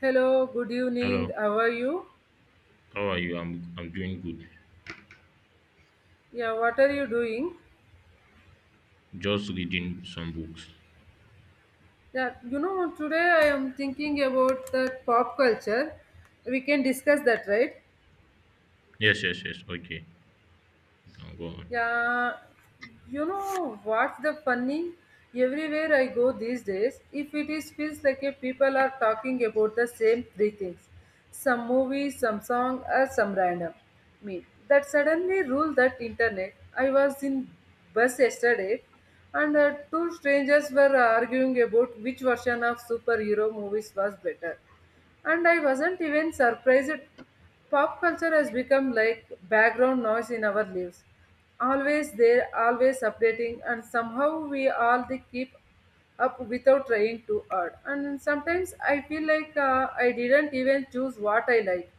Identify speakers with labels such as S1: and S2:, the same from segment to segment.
S1: Hello, good evening.
S2: Hello,
S1: How are you?
S2: how are you? I'm doing good.
S1: Yeah, what are you doing?
S2: Just reading some books.
S1: Yeah, you know, today I am thinking about that pop culture. We can discuss that, right?
S2: Yes, yes, yes. Okay, you can go on.
S1: Yeah, you know what's the funny? Everywhere I go these days, if it is feels like a people are talking about the same three things, some movie, some song, or some random meme. That suddenly rule that internet. I was in bus yesterday, and two strangers were arguing about which version of superhero movies was better, and I wasn't even surprised. Pop culture has become like background noise in our lives, always there, always updating, and somehow we all they keep up without trying too hard. And sometimes I feel like I didn't even choose what I like.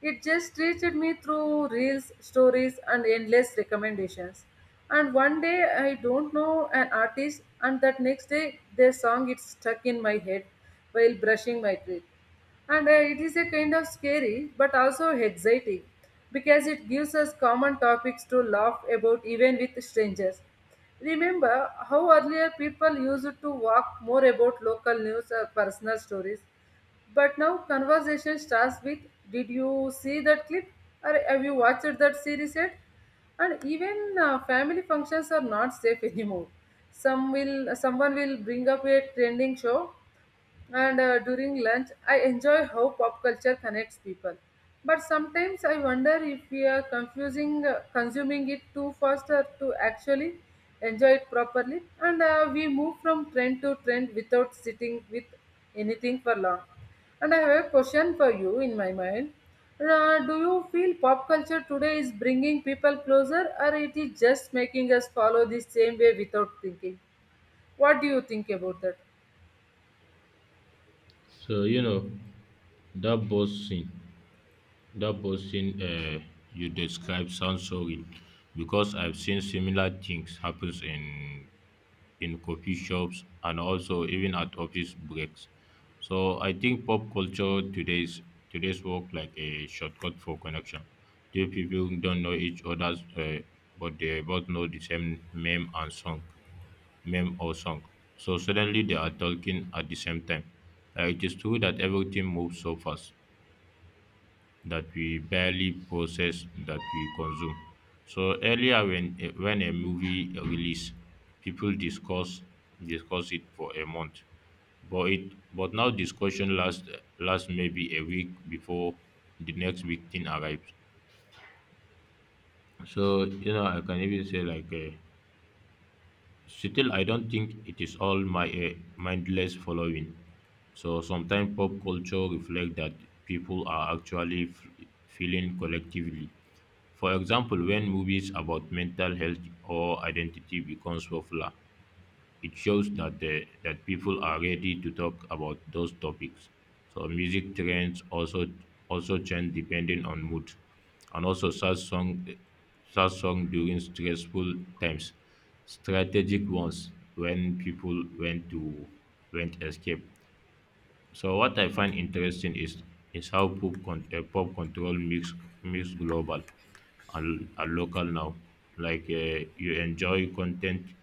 S1: It just reached me through reels, stories, and endless recommendations. And one day I don't know an artist, and that next day their song is stuck in my head while brushing my teeth. And it is a kind of scary but also exciting because it gives us common topics to laugh about even with strangers. Remember how earlier people used to talk more about local news or personal stories, but now conversation starts with, did you see that clip? Or have you watched that series yet? And even family functions are not safe anymore. Someone will bring up a trending show, and during lunch, I enjoy how pop culture connects people. But sometimes I wonder if we are confusing consuming it too fast or to actually enjoy it properly. And we move from trend to trend without sitting with anything for long. And I have a question for you in my mind. Do you feel pop culture today is bringing people closer, or it is just making us follow the same way without thinking? What do you think about that?
S2: So that boss scene, that boss scene you described sounds so real because I've seen similar things happens in coffee shops and also even at office breaks. So I think pop culture today's work like a shortcut for connection. Two people don't know each other's, but they both know the same meme or song. So suddenly they are talking at the same time. It is true that everything moves so fast, that we barely possess that we consume. So earlier, when a movie release, people discuss it for a month, but it but now discussion lasts maybe a week before the next big thing arrives. So you know, I can even say like. Still, I don't think it is all my mindless following. So sometimes pop culture reflects that people are actually feeling collectively. For example, when movies about mental health or identity becomes popular, it shows that people are ready to talk about those topics. So music trends also change depending on mood, and also sad song during stressful times, strategic ones when people went to went escape, so what I find interesting is how pop control mix global and local now. Like you enjoy content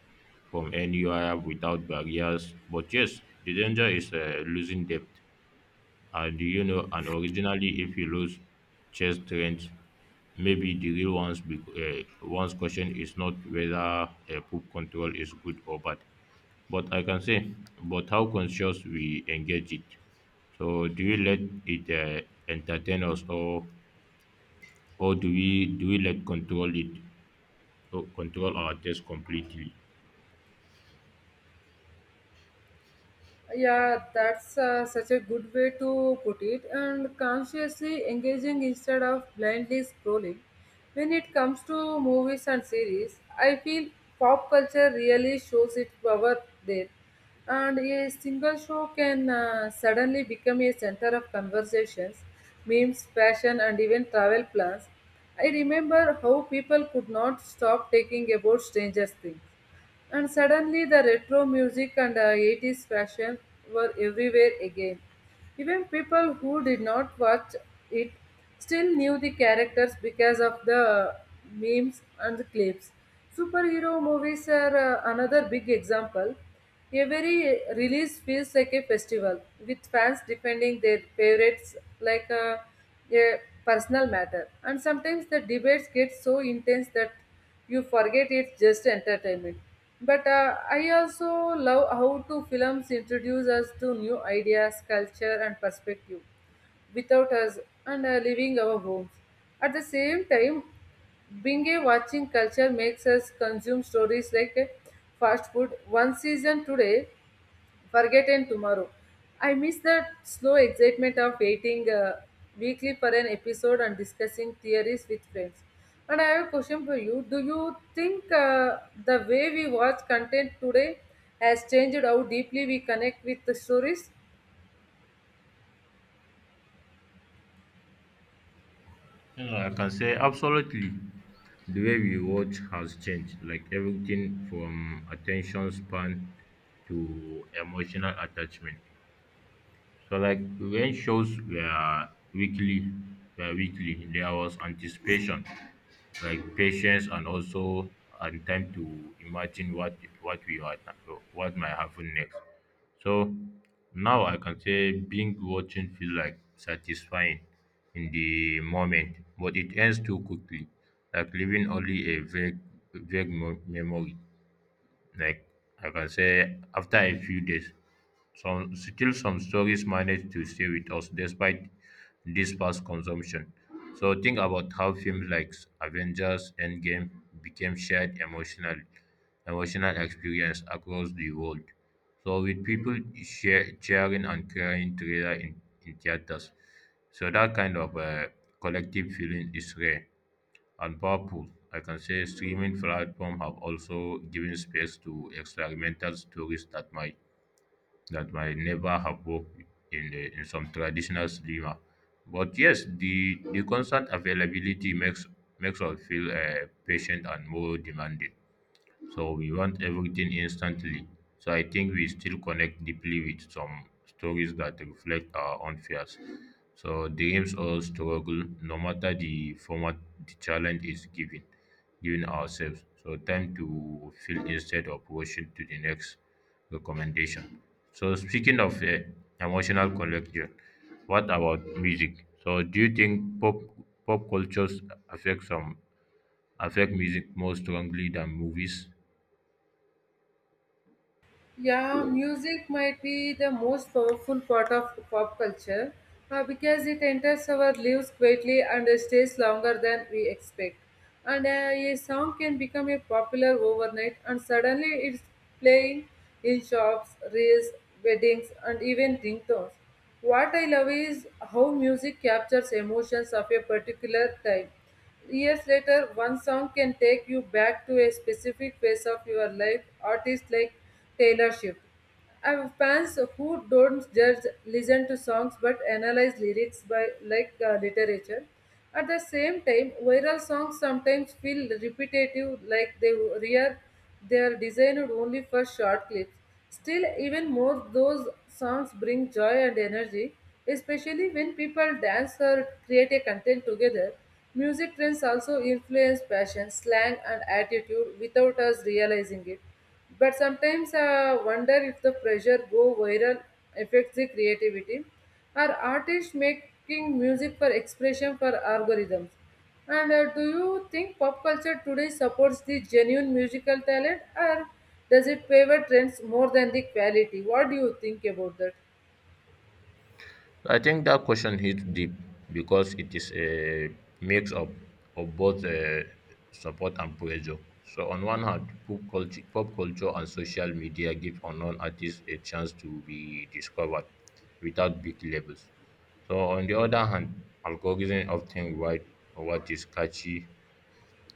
S2: from anywhere without barriers. But yes, the danger is losing depth. And you know, and originally, if you lose chess trends, maybe the real one's question is not whether poop control is good or bad, but I can say, but how conscious we engage it. So do we let it entertain us, or do we let control it, or control our taste completely?
S1: Yeah, that's such a good way to put it. And consciously engaging instead of blindly scrolling. When it comes to movies and series, I feel pop culture really shows its power there. And a single show can suddenly become a center of conversations, memes, fashion, and even travel plans. I remember how people could not stop taking about strangers' things, and suddenly the retro music and 80s fashion were everywhere again. Even people who did not watch it still knew the characters because of the memes and the clips. Superhero movies are another big example. Every release feels like a festival, with fans defending their favorites like a personal matter. And sometimes the debates get so intense that you forget it's just entertainment. But I also love how to films introduce us to new ideas, culture, and perspective without us and leaving our homes. At the same time, being a watching culture makes us consume stories like fast food. One season today, forgotten tomorrow. I miss the slow excitement of waiting weekly for an episode and discussing theories with friends. And I have a question for you. Do you think the way we watch content today has changed how deeply we connect with the stories?
S2: You I can say absolutely. The way we watch has changed, like everything from attention span to emotional attachment. So like when shows were weekly, there was anticipation, like patience, and also and time to imagine what might happen next. So now I can say being watching feel like satisfying in the moment, but it ends too quickly, like leaving only a vague memory. Like I can say, after a few days, some stories manage to stay with us despite this past consumption. So think about how films like Avengers Endgame became shared emotional experience across the world. So with people share, cheering and crying together in theaters. So that kind of collective feeling is rare and powerful. I can say streaming platforms have also given space to experimental stories that might never have worked in some traditional cinema. But yes, the constant availability makes us feel patient and more demanding. So we want everything instantly. So I think we still connect deeply with some stories that reflect our own fears. So dreams or struggle, no matter the format, the challenge is given, given ourselves. So time to feel instead of rushing to the next recommendation. So speaking of emotional connection, what about music? So do you think pop cultures affect some affect music more strongly than movies?
S1: Yeah, music might be the most powerful part of pop culture because it enters our lives quietly and stays longer than we expect. And a song can become a popular overnight, and suddenly it's playing in shops, reels, weddings, and even ringtones. What I love is how music captures emotions of a particular time. Years later, one song can take you back to a specific phase of your life. Artists like Taylor Swift. I have fans who don't just listen to songs but analyze lyrics by like literature. At the same time, viral songs sometimes feel repetitive, like they are designed only for short clips. Still, even more, those songs bring joy and energy, especially when people dance or create a content together. Music trends also influence fashion, slang, and attitude without us realizing it. But sometimes I wonder if the pressure go viral affects the creativity. Are artists making music for expression for algorithms? And do you think pop culture today supports the genuine musical talent, or does it favor trends more than the quality? What do you think about that?
S2: I think that question hits deep because it is a mix of both support and pressure. So on one hand, pop culture and social media give unknown artists a chance to be discovered without big labels. So on the other hand, algorithms often write what is catchy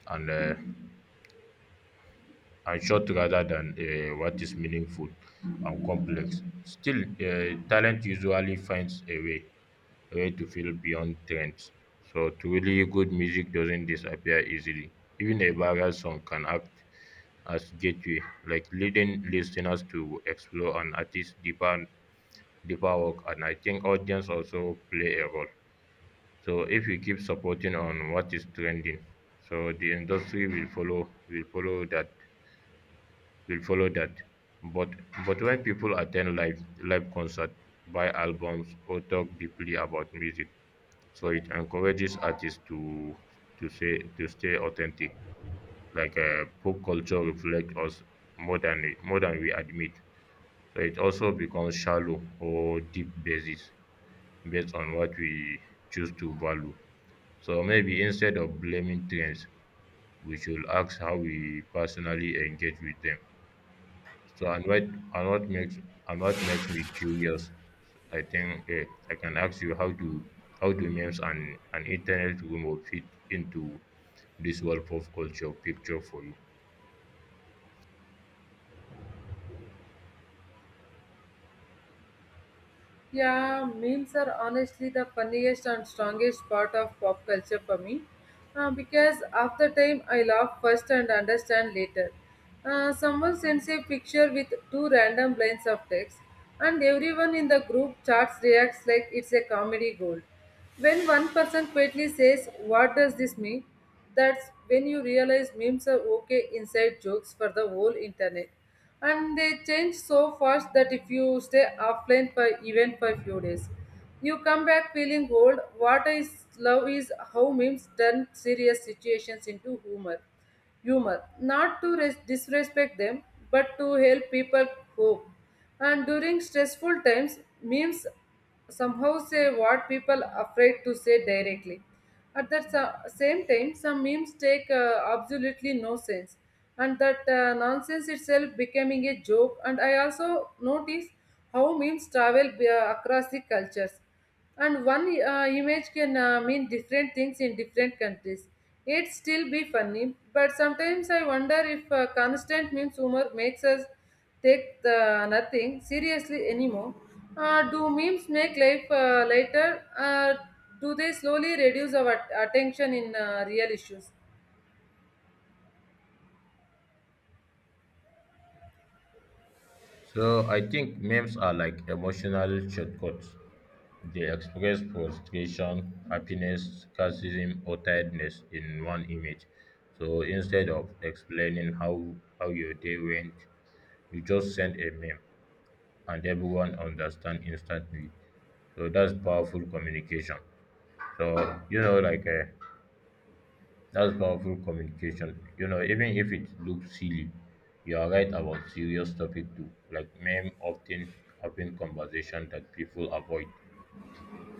S2: and uh, and short rather than what is meaningful and complex. Still, talent usually finds a way to feel beyond trends. So truly good music doesn't disappear easily. Even a viral song can act as gateway, like leading listeners to explore an artist's deeper work, and I think audience also play a role. So if you keep supporting on what is trending, so the industry will follow that. But but when people attend live concert, buy albums, or talk deeply about music, so it encourages artists to stay authentic. Like pop culture reflects us more than more than we admit. So it also becomes shallow or deep basis based on what we choose to value. So maybe instead of blaming trends, we should ask how we personally engage with them. So and what makes me curious, I think I can ask you how do memes and an internet rumor fit into this world of culture picture for you?
S1: Yeah, memes are honestly the funniest and strongest part of pop culture for me because after time I laugh first and understand later. Someone sends a picture with two random lines of text, and everyone in the group chats reacts like it's a comedy gold. When one person quietly says, what does this mean? That's when you realize memes are okay inside jokes for the whole internet, and they change so fast that if you stay offline for even for a few days, you come back feeling old. What is love is how memes turn serious situations into humor, not to disrespect them, but to help people cope. And during stressful times, memes somehow say what people afraid to say directly. At the same time, some memes take absolutely no sense, and that nonsense itself becoming a joke. And I also notice how memes travel across the cultures, and one image can mean different things in different countries. It still be funny, but sometimes I wonder if constant memes humor makes us take the nothing seriously anymore. Do memes make life lighter? Do they slowly reduce our attention in real issues?
S2: So I think memes are like emotional shortcuts. They express frustration, happiness, sarcasm, or tiredness in one image. So instead of explaining how your day went, you just send a meme. And everyone understand instantly. So that's powerful communication. So you know, like uh, You know, even if it looks silly, you are right about serious topic too. Like meme often open conversation that people avoid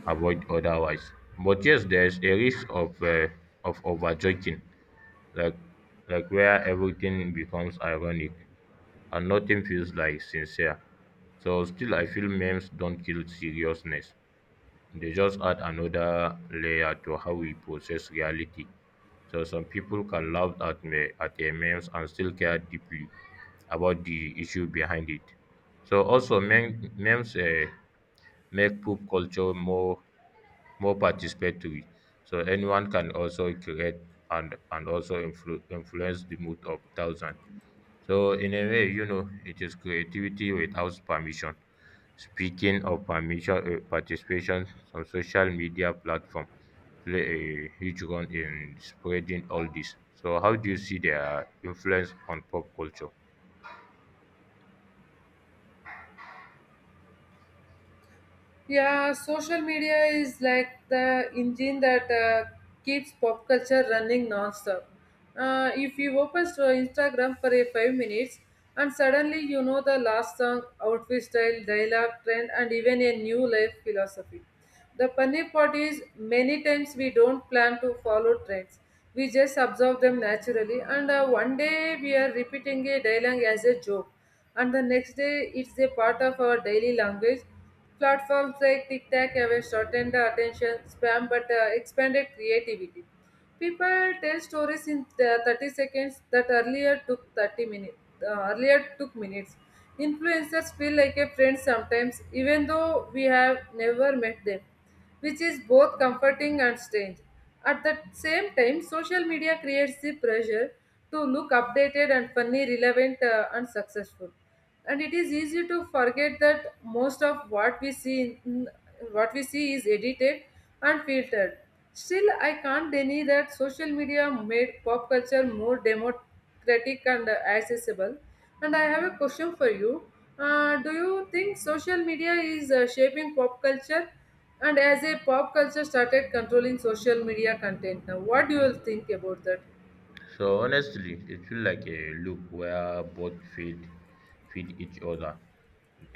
S2: avoid otherwise. But yes, there's a risk of over joking, like like where everything becomes ironic and nothing feels like sincere. So still, I feel memes don't kill seriousness. They just add another layer to how we process reality. So some people can laugh at me at a memes and still care deeply about the issue behind it. So also memes make pop culture more participatory. So anyone can also create and also influence the mood of thousands. So in a way, you know, it is creativity without permission. Speaking of permission, participation, some social media platform play a huge role in spreading all this. So how do you see their influence on pop culture?
S1: Yeah, social media is like the engine that keeps pop culture running nonstop. If you open to Instagram for a five minutes, and suddenly you know the last song, outfit style, dialogue, trend, and even a new life philosophy. The funny part is, many times we don't plan to follow trends. We just observe them naturally, and one day we are repeating a dialogue as a joke, and the next day it's a part of our daily language. Platforms like TikTok have shortened the attention span but expanded creativity. People tell stories in the 30 seconds that earlier took 30 minutes. Earlier took minutes. Influencers feel like a friend sometimes, even though we have never met them, which is both comforting and strange. At the same time, social media creates the pressure to look updated and funny, relevant, and successful, and it is easy to forget that most of what we see is edited and filtered. Still, I can't deny that social media made pop culture more democratic and accessible. And I have a question for you. Do you think social media is shaping pop culture, and as a pop culture started controlling social media content now? What do you think about that?
S2: So honestly, it feels like a loop where both feed each other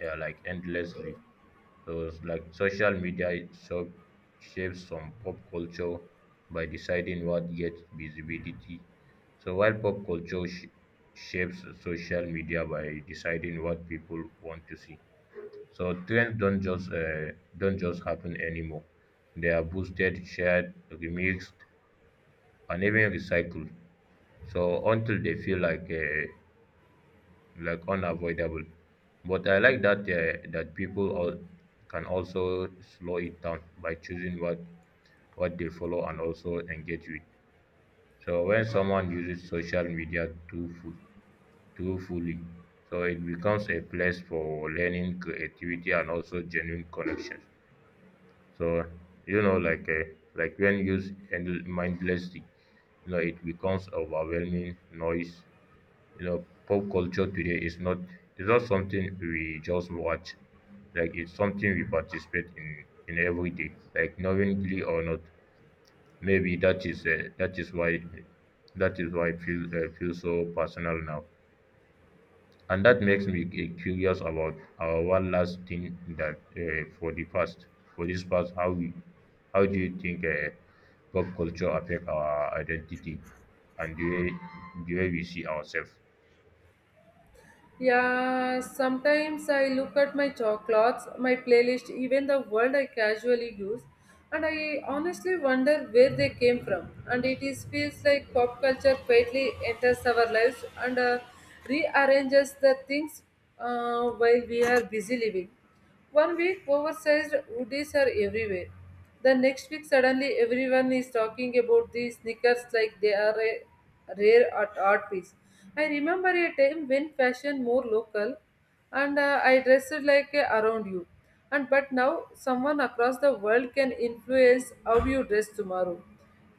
S2: like endlessly. So it's like social media shapes some pop culture by deciding what gets visibility. So while pop culture shapes social media by deciding what people want to see. So trends don't just happen anymore. They are boosted, shared, remixed, and even recycled. So until they feel like unavoidable. But I like that that people all can also slow it down by choosing what they follow and also engage with. So when someone uses social media too fully, so it becomes a place for learning, creativity, and also genuine connections. So you know, like when used mindlessly, you know, it becomes overwhelming noise. You know pop culture today is not something we just watch, like it's something we participate in every day, like knowingly or not. Maybe that is why I feel so personal now, and that makes me curious about our one last thing that for the past for this past how we how do you think pop culture affect our identity and the way we see ourselves?
S1: Yeah, sometimes I look at my chocolates, my playlist, even the world I casually use, and I honestly wonder where they came from. And it is feels like pop culture quietly enters our lives and rearranges the things while we are busy living. One week, oversized hoodies are everywhere. The next week, suddenly everyone is talking about these sneakers like they are a rare art piece. I remember a time when fashion more local, and I dressed like a around you. And but now someone across the world can influence how you dress tomorrow.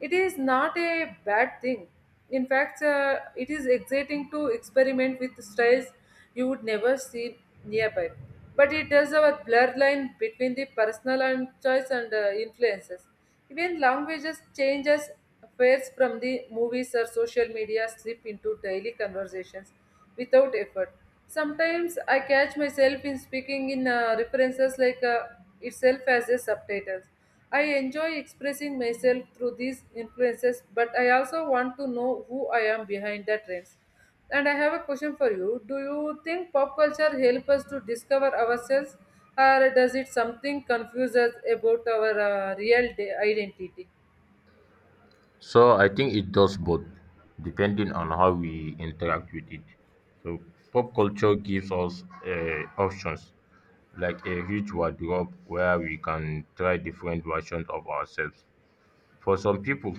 S1: It is not a bad thing. In fact, it is exciting to experiment with styles you would never see nearby. But it does have a blur line between the personal and choice and influences. Even languages changes fares from the movies or social media slip into daily conversations without effort. Sometimes I catch myself in speaking in references like itself as a subtitles. I enjoy expressing myself through these influences, but I also want to know who I am behind the trends. And I have a question for you. Do you think pop culture helps us to discover ourselves, or does it something confuse us about our real identity?
S2: So I think it does both, depending on how we interact with it. So pop culture gives us options, like a huge wardrobe where we can try different versions of ourselves. For some people,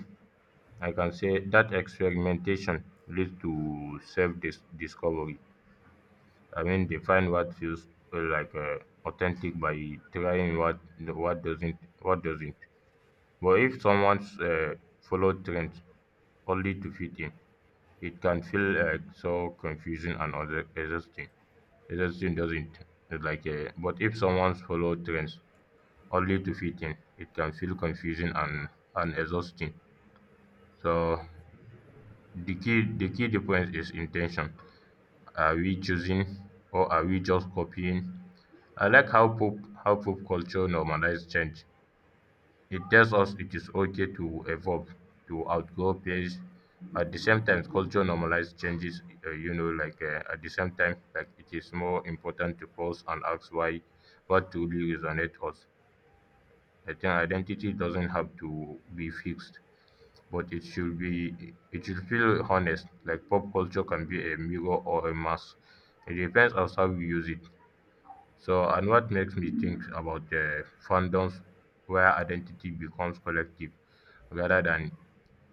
S2: I can say that experimentation leads to self-discovery. I mean, they find what feels authentic by trying what doesn't. But if someone's follows trends only to fit in, it can feel so confusing and exhausting. Exhausting doesn't it? Like. But if someone's follow trends only to fit in, it can feel confusing and exhausting. So the key difference is intention. Are we choosing or are we just copying? I like how pop culture normalizes change. It tells us it is okay to evolve, to outgrow peers. At the same time, culture normalizes changes, you know, like at the same time, like it is more important to pause and ask why what truly resonates us. I think identity doesn't have to be fixed, but it should be it should feel honest. Like pop culture can be a mirror or a mask. It depends on how we use it. So, and what makes me think about fandoms where identity becomes collective rather than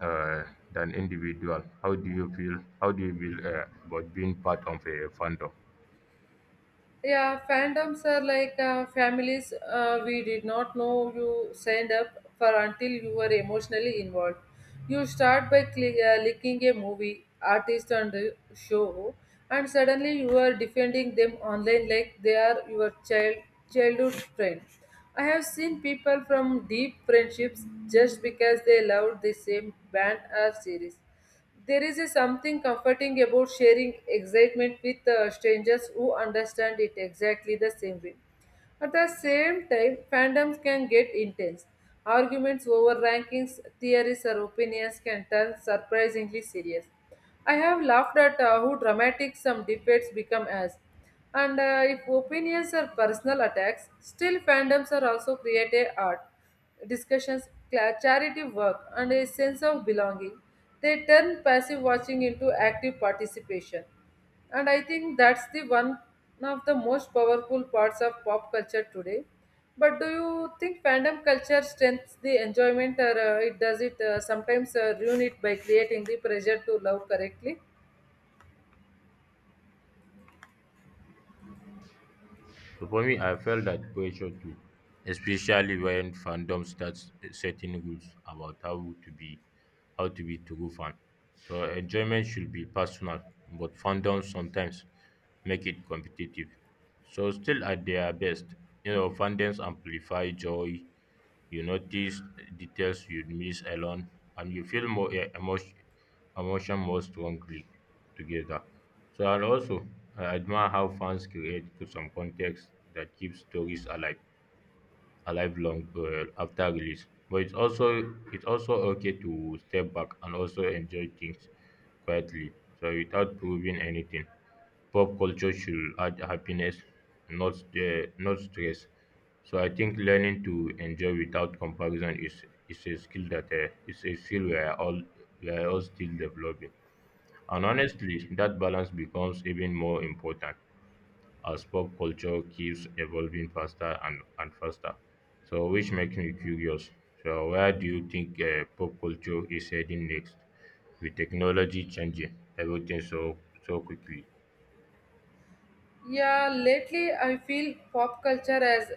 S2: uh, individual. How do you feel? How do you feel about being part of a fandom?
S1: Yeah, fandoms are like families we did not know you signed up for until you were emotionally involved. You start by cli liking a movie, artist, and show, and suddenly you are defending them online like they are your childhood friend. I have seen people from deep friendships just because they loved the same band or series. There is a something comforting about sharing excitement with strangers who understand it exactly the same way. At the same time, fandoms can get intense. Arguments over rankings, theories, or opinions can turn surprisingly serious. I have laughed at how dramatic some debates become as. And if opinions are personal attacks, still fandoms are also creative art discussions, charity work, and a sense of belonging. They turn passive watching into active participation. And I think that's the one of the most powerful parts of pop culture today. But do you think fandom culture strengthens the enjoyment, or it does it sometimes ruin it by creating the pressure to love correctly?
S2: So for me, I felt that pressure too, especially when fandom starts setting rules about how to be true fan. So enjoyment should be personal, but fandom sometimes make it competitive. So still at their best, you know, fandoms amplify joy. You notice details you'd miss alone, and you feel more emotion more strongly together. So, and also, I admire how fans create some context that keeps stories alive long after release. But it's also okay to step back and also enjoy things quietly, so without proving anything. Pop culture should add happiness, not stress. So I think learning to enjoy without comparison is a skill that is a skill we are all still developing. And honestly, that balance becomes even more important as pop culture keeps evolving faster and faster. Which makes me curious. Where do you think pop culture is heading next with technology changing everything so quickly?
S1: Yeah, lately I feel pop culture has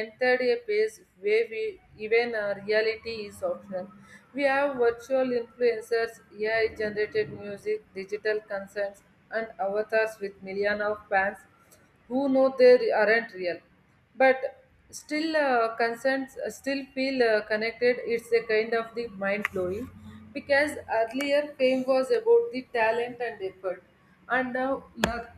S1: entered a phase where we, even our reality is optional. We have virtual influencers, AI generated music, digital concerts, and avatars with millions of fans who know they aren't real. But still, concerns still feel connected. It's a kind of the mind blowing because earlier fame was about the talent and effort, and now luck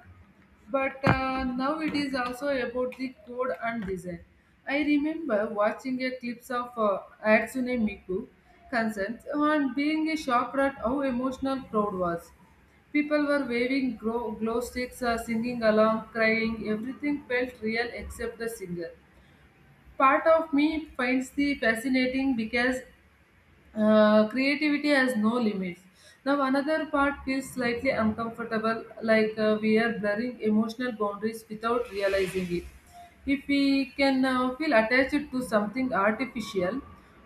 S1: but now it is also about the code and design. I remember watching a clips of Hatsune Miku concerts and being shocked at how emotional crowd was. People were waving glow sticks, singing along, crying. Everything felt real except the singer. Part of me finds the fascinating because creativity has no limits. Now, another part feels slightly uncomfortable, like we are blurring emotional boundaries without realizing it. If we can feel attached to something artificial,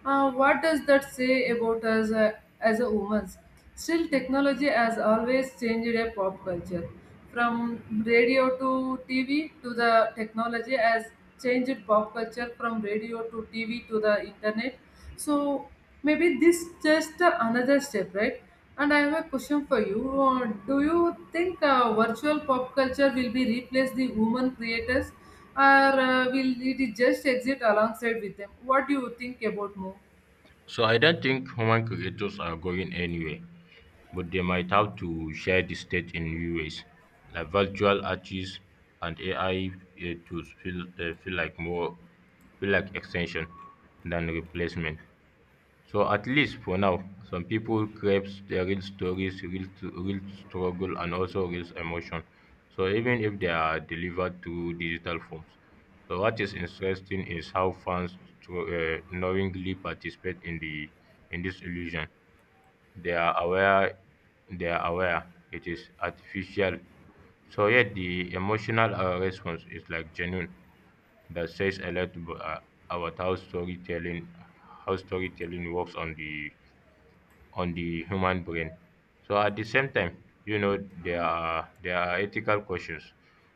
S1: what does that say about us as a woman? Still, technology has always changed a pop culture. From radio to TV to the technology has changed pop culture from radio to TV to the internet so maybe this just another step, right? And I have a question for you. Do you think virtual pop culture will be replace the human creators, or will it just exist alongside with them? What do you think about more?
S2: So, I don't think human creators are going anywhere, but they might have to share the stage in new ways, like virtual artists and AI tools feel feel like more feel like extension than replacement. So at least for now, some people craves their real stories, real struggle, and also real emotion. So even if they are delivered through digital forms. So what is interesting is how fans knowingly participate in the in this illusion. They are aware. They are aware it is artificial. So yet the emotional response is like genuine, that says a lot about how storytelling works on the human brain. So at the same time, you know, there are ethical questions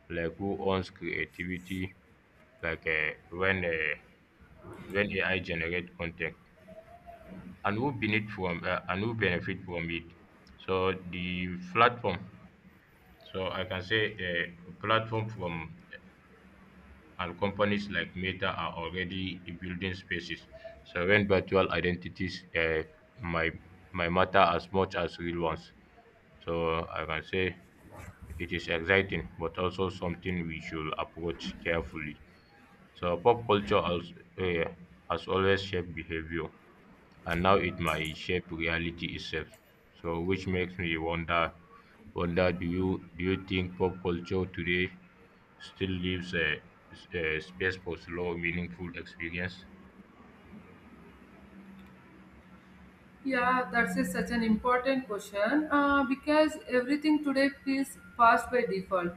S2: like who owns creativity, like uh, when uh, when AI generate content and who benefit from it. So the platform. So I can say platform from and companies like Meta are already building spaces so when virtual identities might might matter as much as real ones. So I can say it is exciting, but also something we should approach carefully. So pop culture has always shaped behavior, and now it might shape reality itself. So which makes me wonder, do you think pop culture today still leaves a space for slow, meaningful experience?
S1: Yeah, that's a, such an important question because everything today feels fast by default.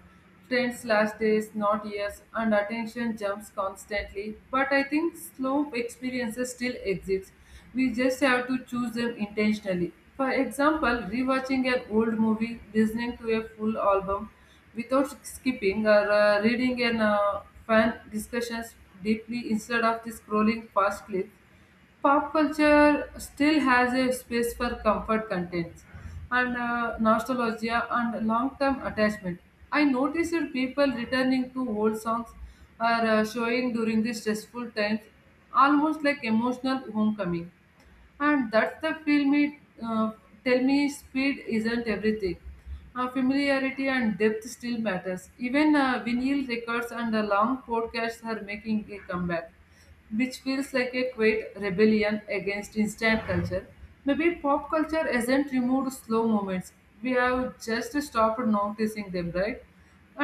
S1: Trends last days, not years, and attention jumps constantly. But I think slow experiences still exist. We just have to choose them intentionally. For example, rewatching an old movie, listening to a full album without skipping, or reading an fan discussions deeply instead of the scrolling fast clips pop culture still has a space for comfort contents and nostalgia and long-term attachment. I noticed people returning to old songs are showing during the stressful times, almost like emotional homecoming and that's the film it uh, tell me speed isn't everything, familiarity and depth still matters, even vinyl records and the long podcasts are making a comeback, which feels like a quiet rebellion against instant culture. Maybe pop culture hasn't removed slow moments, we have just stopped noticing them, right?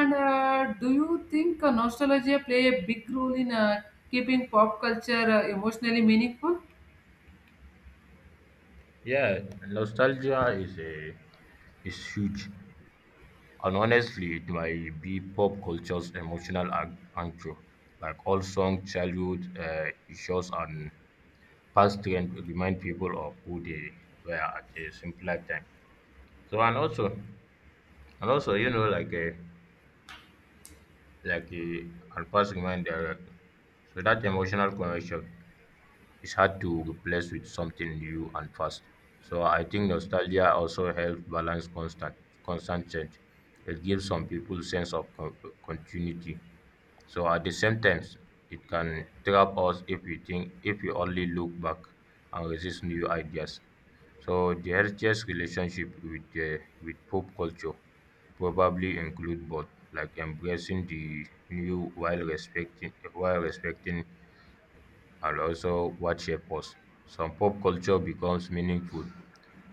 S1: And do you think nostalgia play a big role in keeping pop culture emotionally meaningful?
S2: Yeah, nostalgia is a is huge, and honestly, it might be pop culture's emotional anchor. Like all song, childhood shows, and past trend remind people of who they were at a simpler time. So and also you know like a and past remind so that emotional connection is hard to replace with something new and fast. So I think nostalgia also helps balance constant change. It gives some people sense of continuity. So at the same time, it can trap us if we only look back and resist new ideas. So the healthiest relationship with pop culture probably include both, like embracing the new while respecting and also what shape us. Some pop culture becomes meaningful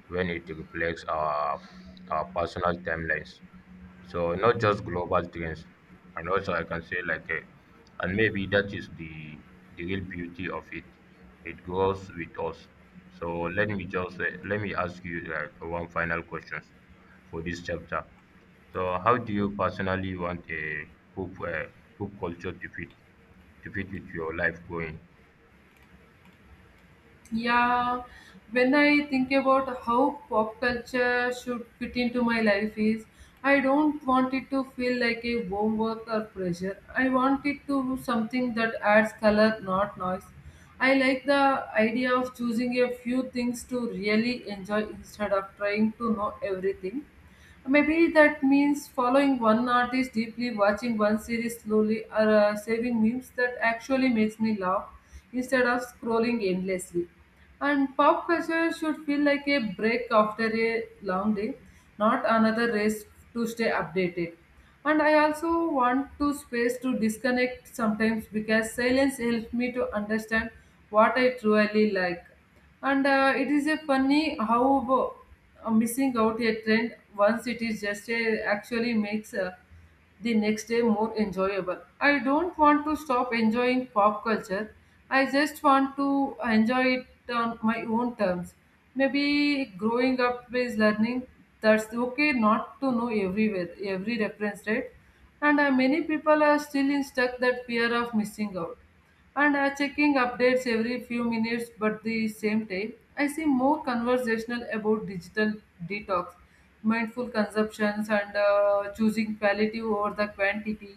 S2: when it reflects our personal timelines. So not just global trends, and also I can say and maybe that is the real beauty of it. It grows with us. So let me ask you like one final question for this chapter. So how do you personally want a poop poop culture to fit with your life going?
S1: Yeah, when I think about how pop culture should fit into my life is I don't want it to feel like a homework or pressure. I want it to be something that adds color, not noise. I like the idea of choosing a few things to really enjoy instead of trying to know everything. Maybe that means following one artist deeply, watching one series slowly, or saving memes that actually makes me laugh instead of scrolling endlessly. And pop culture should feel like a break after a long day, not another race to stay updated. And I also want to space to disconnect sometimes because silence helps me to understand what I truly like. And it is a funny how missing out a trend once it is just a, actually makes a the next day more enjoyable. I don't want to stop enjoying pop culture. I just want to enjoy it on my own terms. Maybe growing up is learning that's okay not to know everywhere, every reference, right? And many people are still in stuck that fear of missing out and checking updates every few minutes but the same time I see more conversational about digital detox, mindful consumptions and choosing quality over the quantity,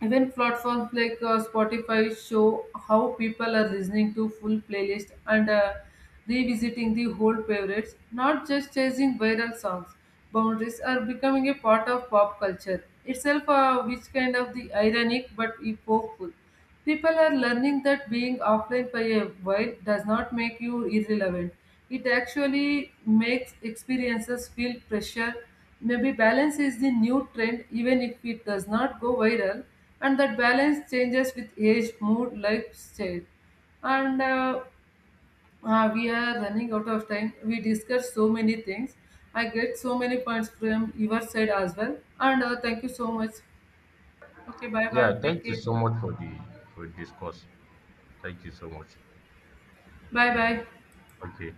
S1: and then platforms like Spotify show how people are listening to full playlist and revisiting the old favorites, not just chasing viral songs. Boundaries are becoming a part of pop culture itself, which kind of the ironic but hopeful. People are learning that being offline for a while does not make you irrelevant. It actually makes experiences feel pressure. Maybe balance is the new trend, even if it does not go viral, and that balance changes with age, mood, lifestyle. And we are running out of time. We discussed so many things. I get so many points from your side as well. And thank you so much. Okay, bye bye.
S2: Yeah,
S1: Take
S2: thank you
S1: care.
S2: so much for this course. Thank you so much.
S1: Bye bye.
S2: Okay.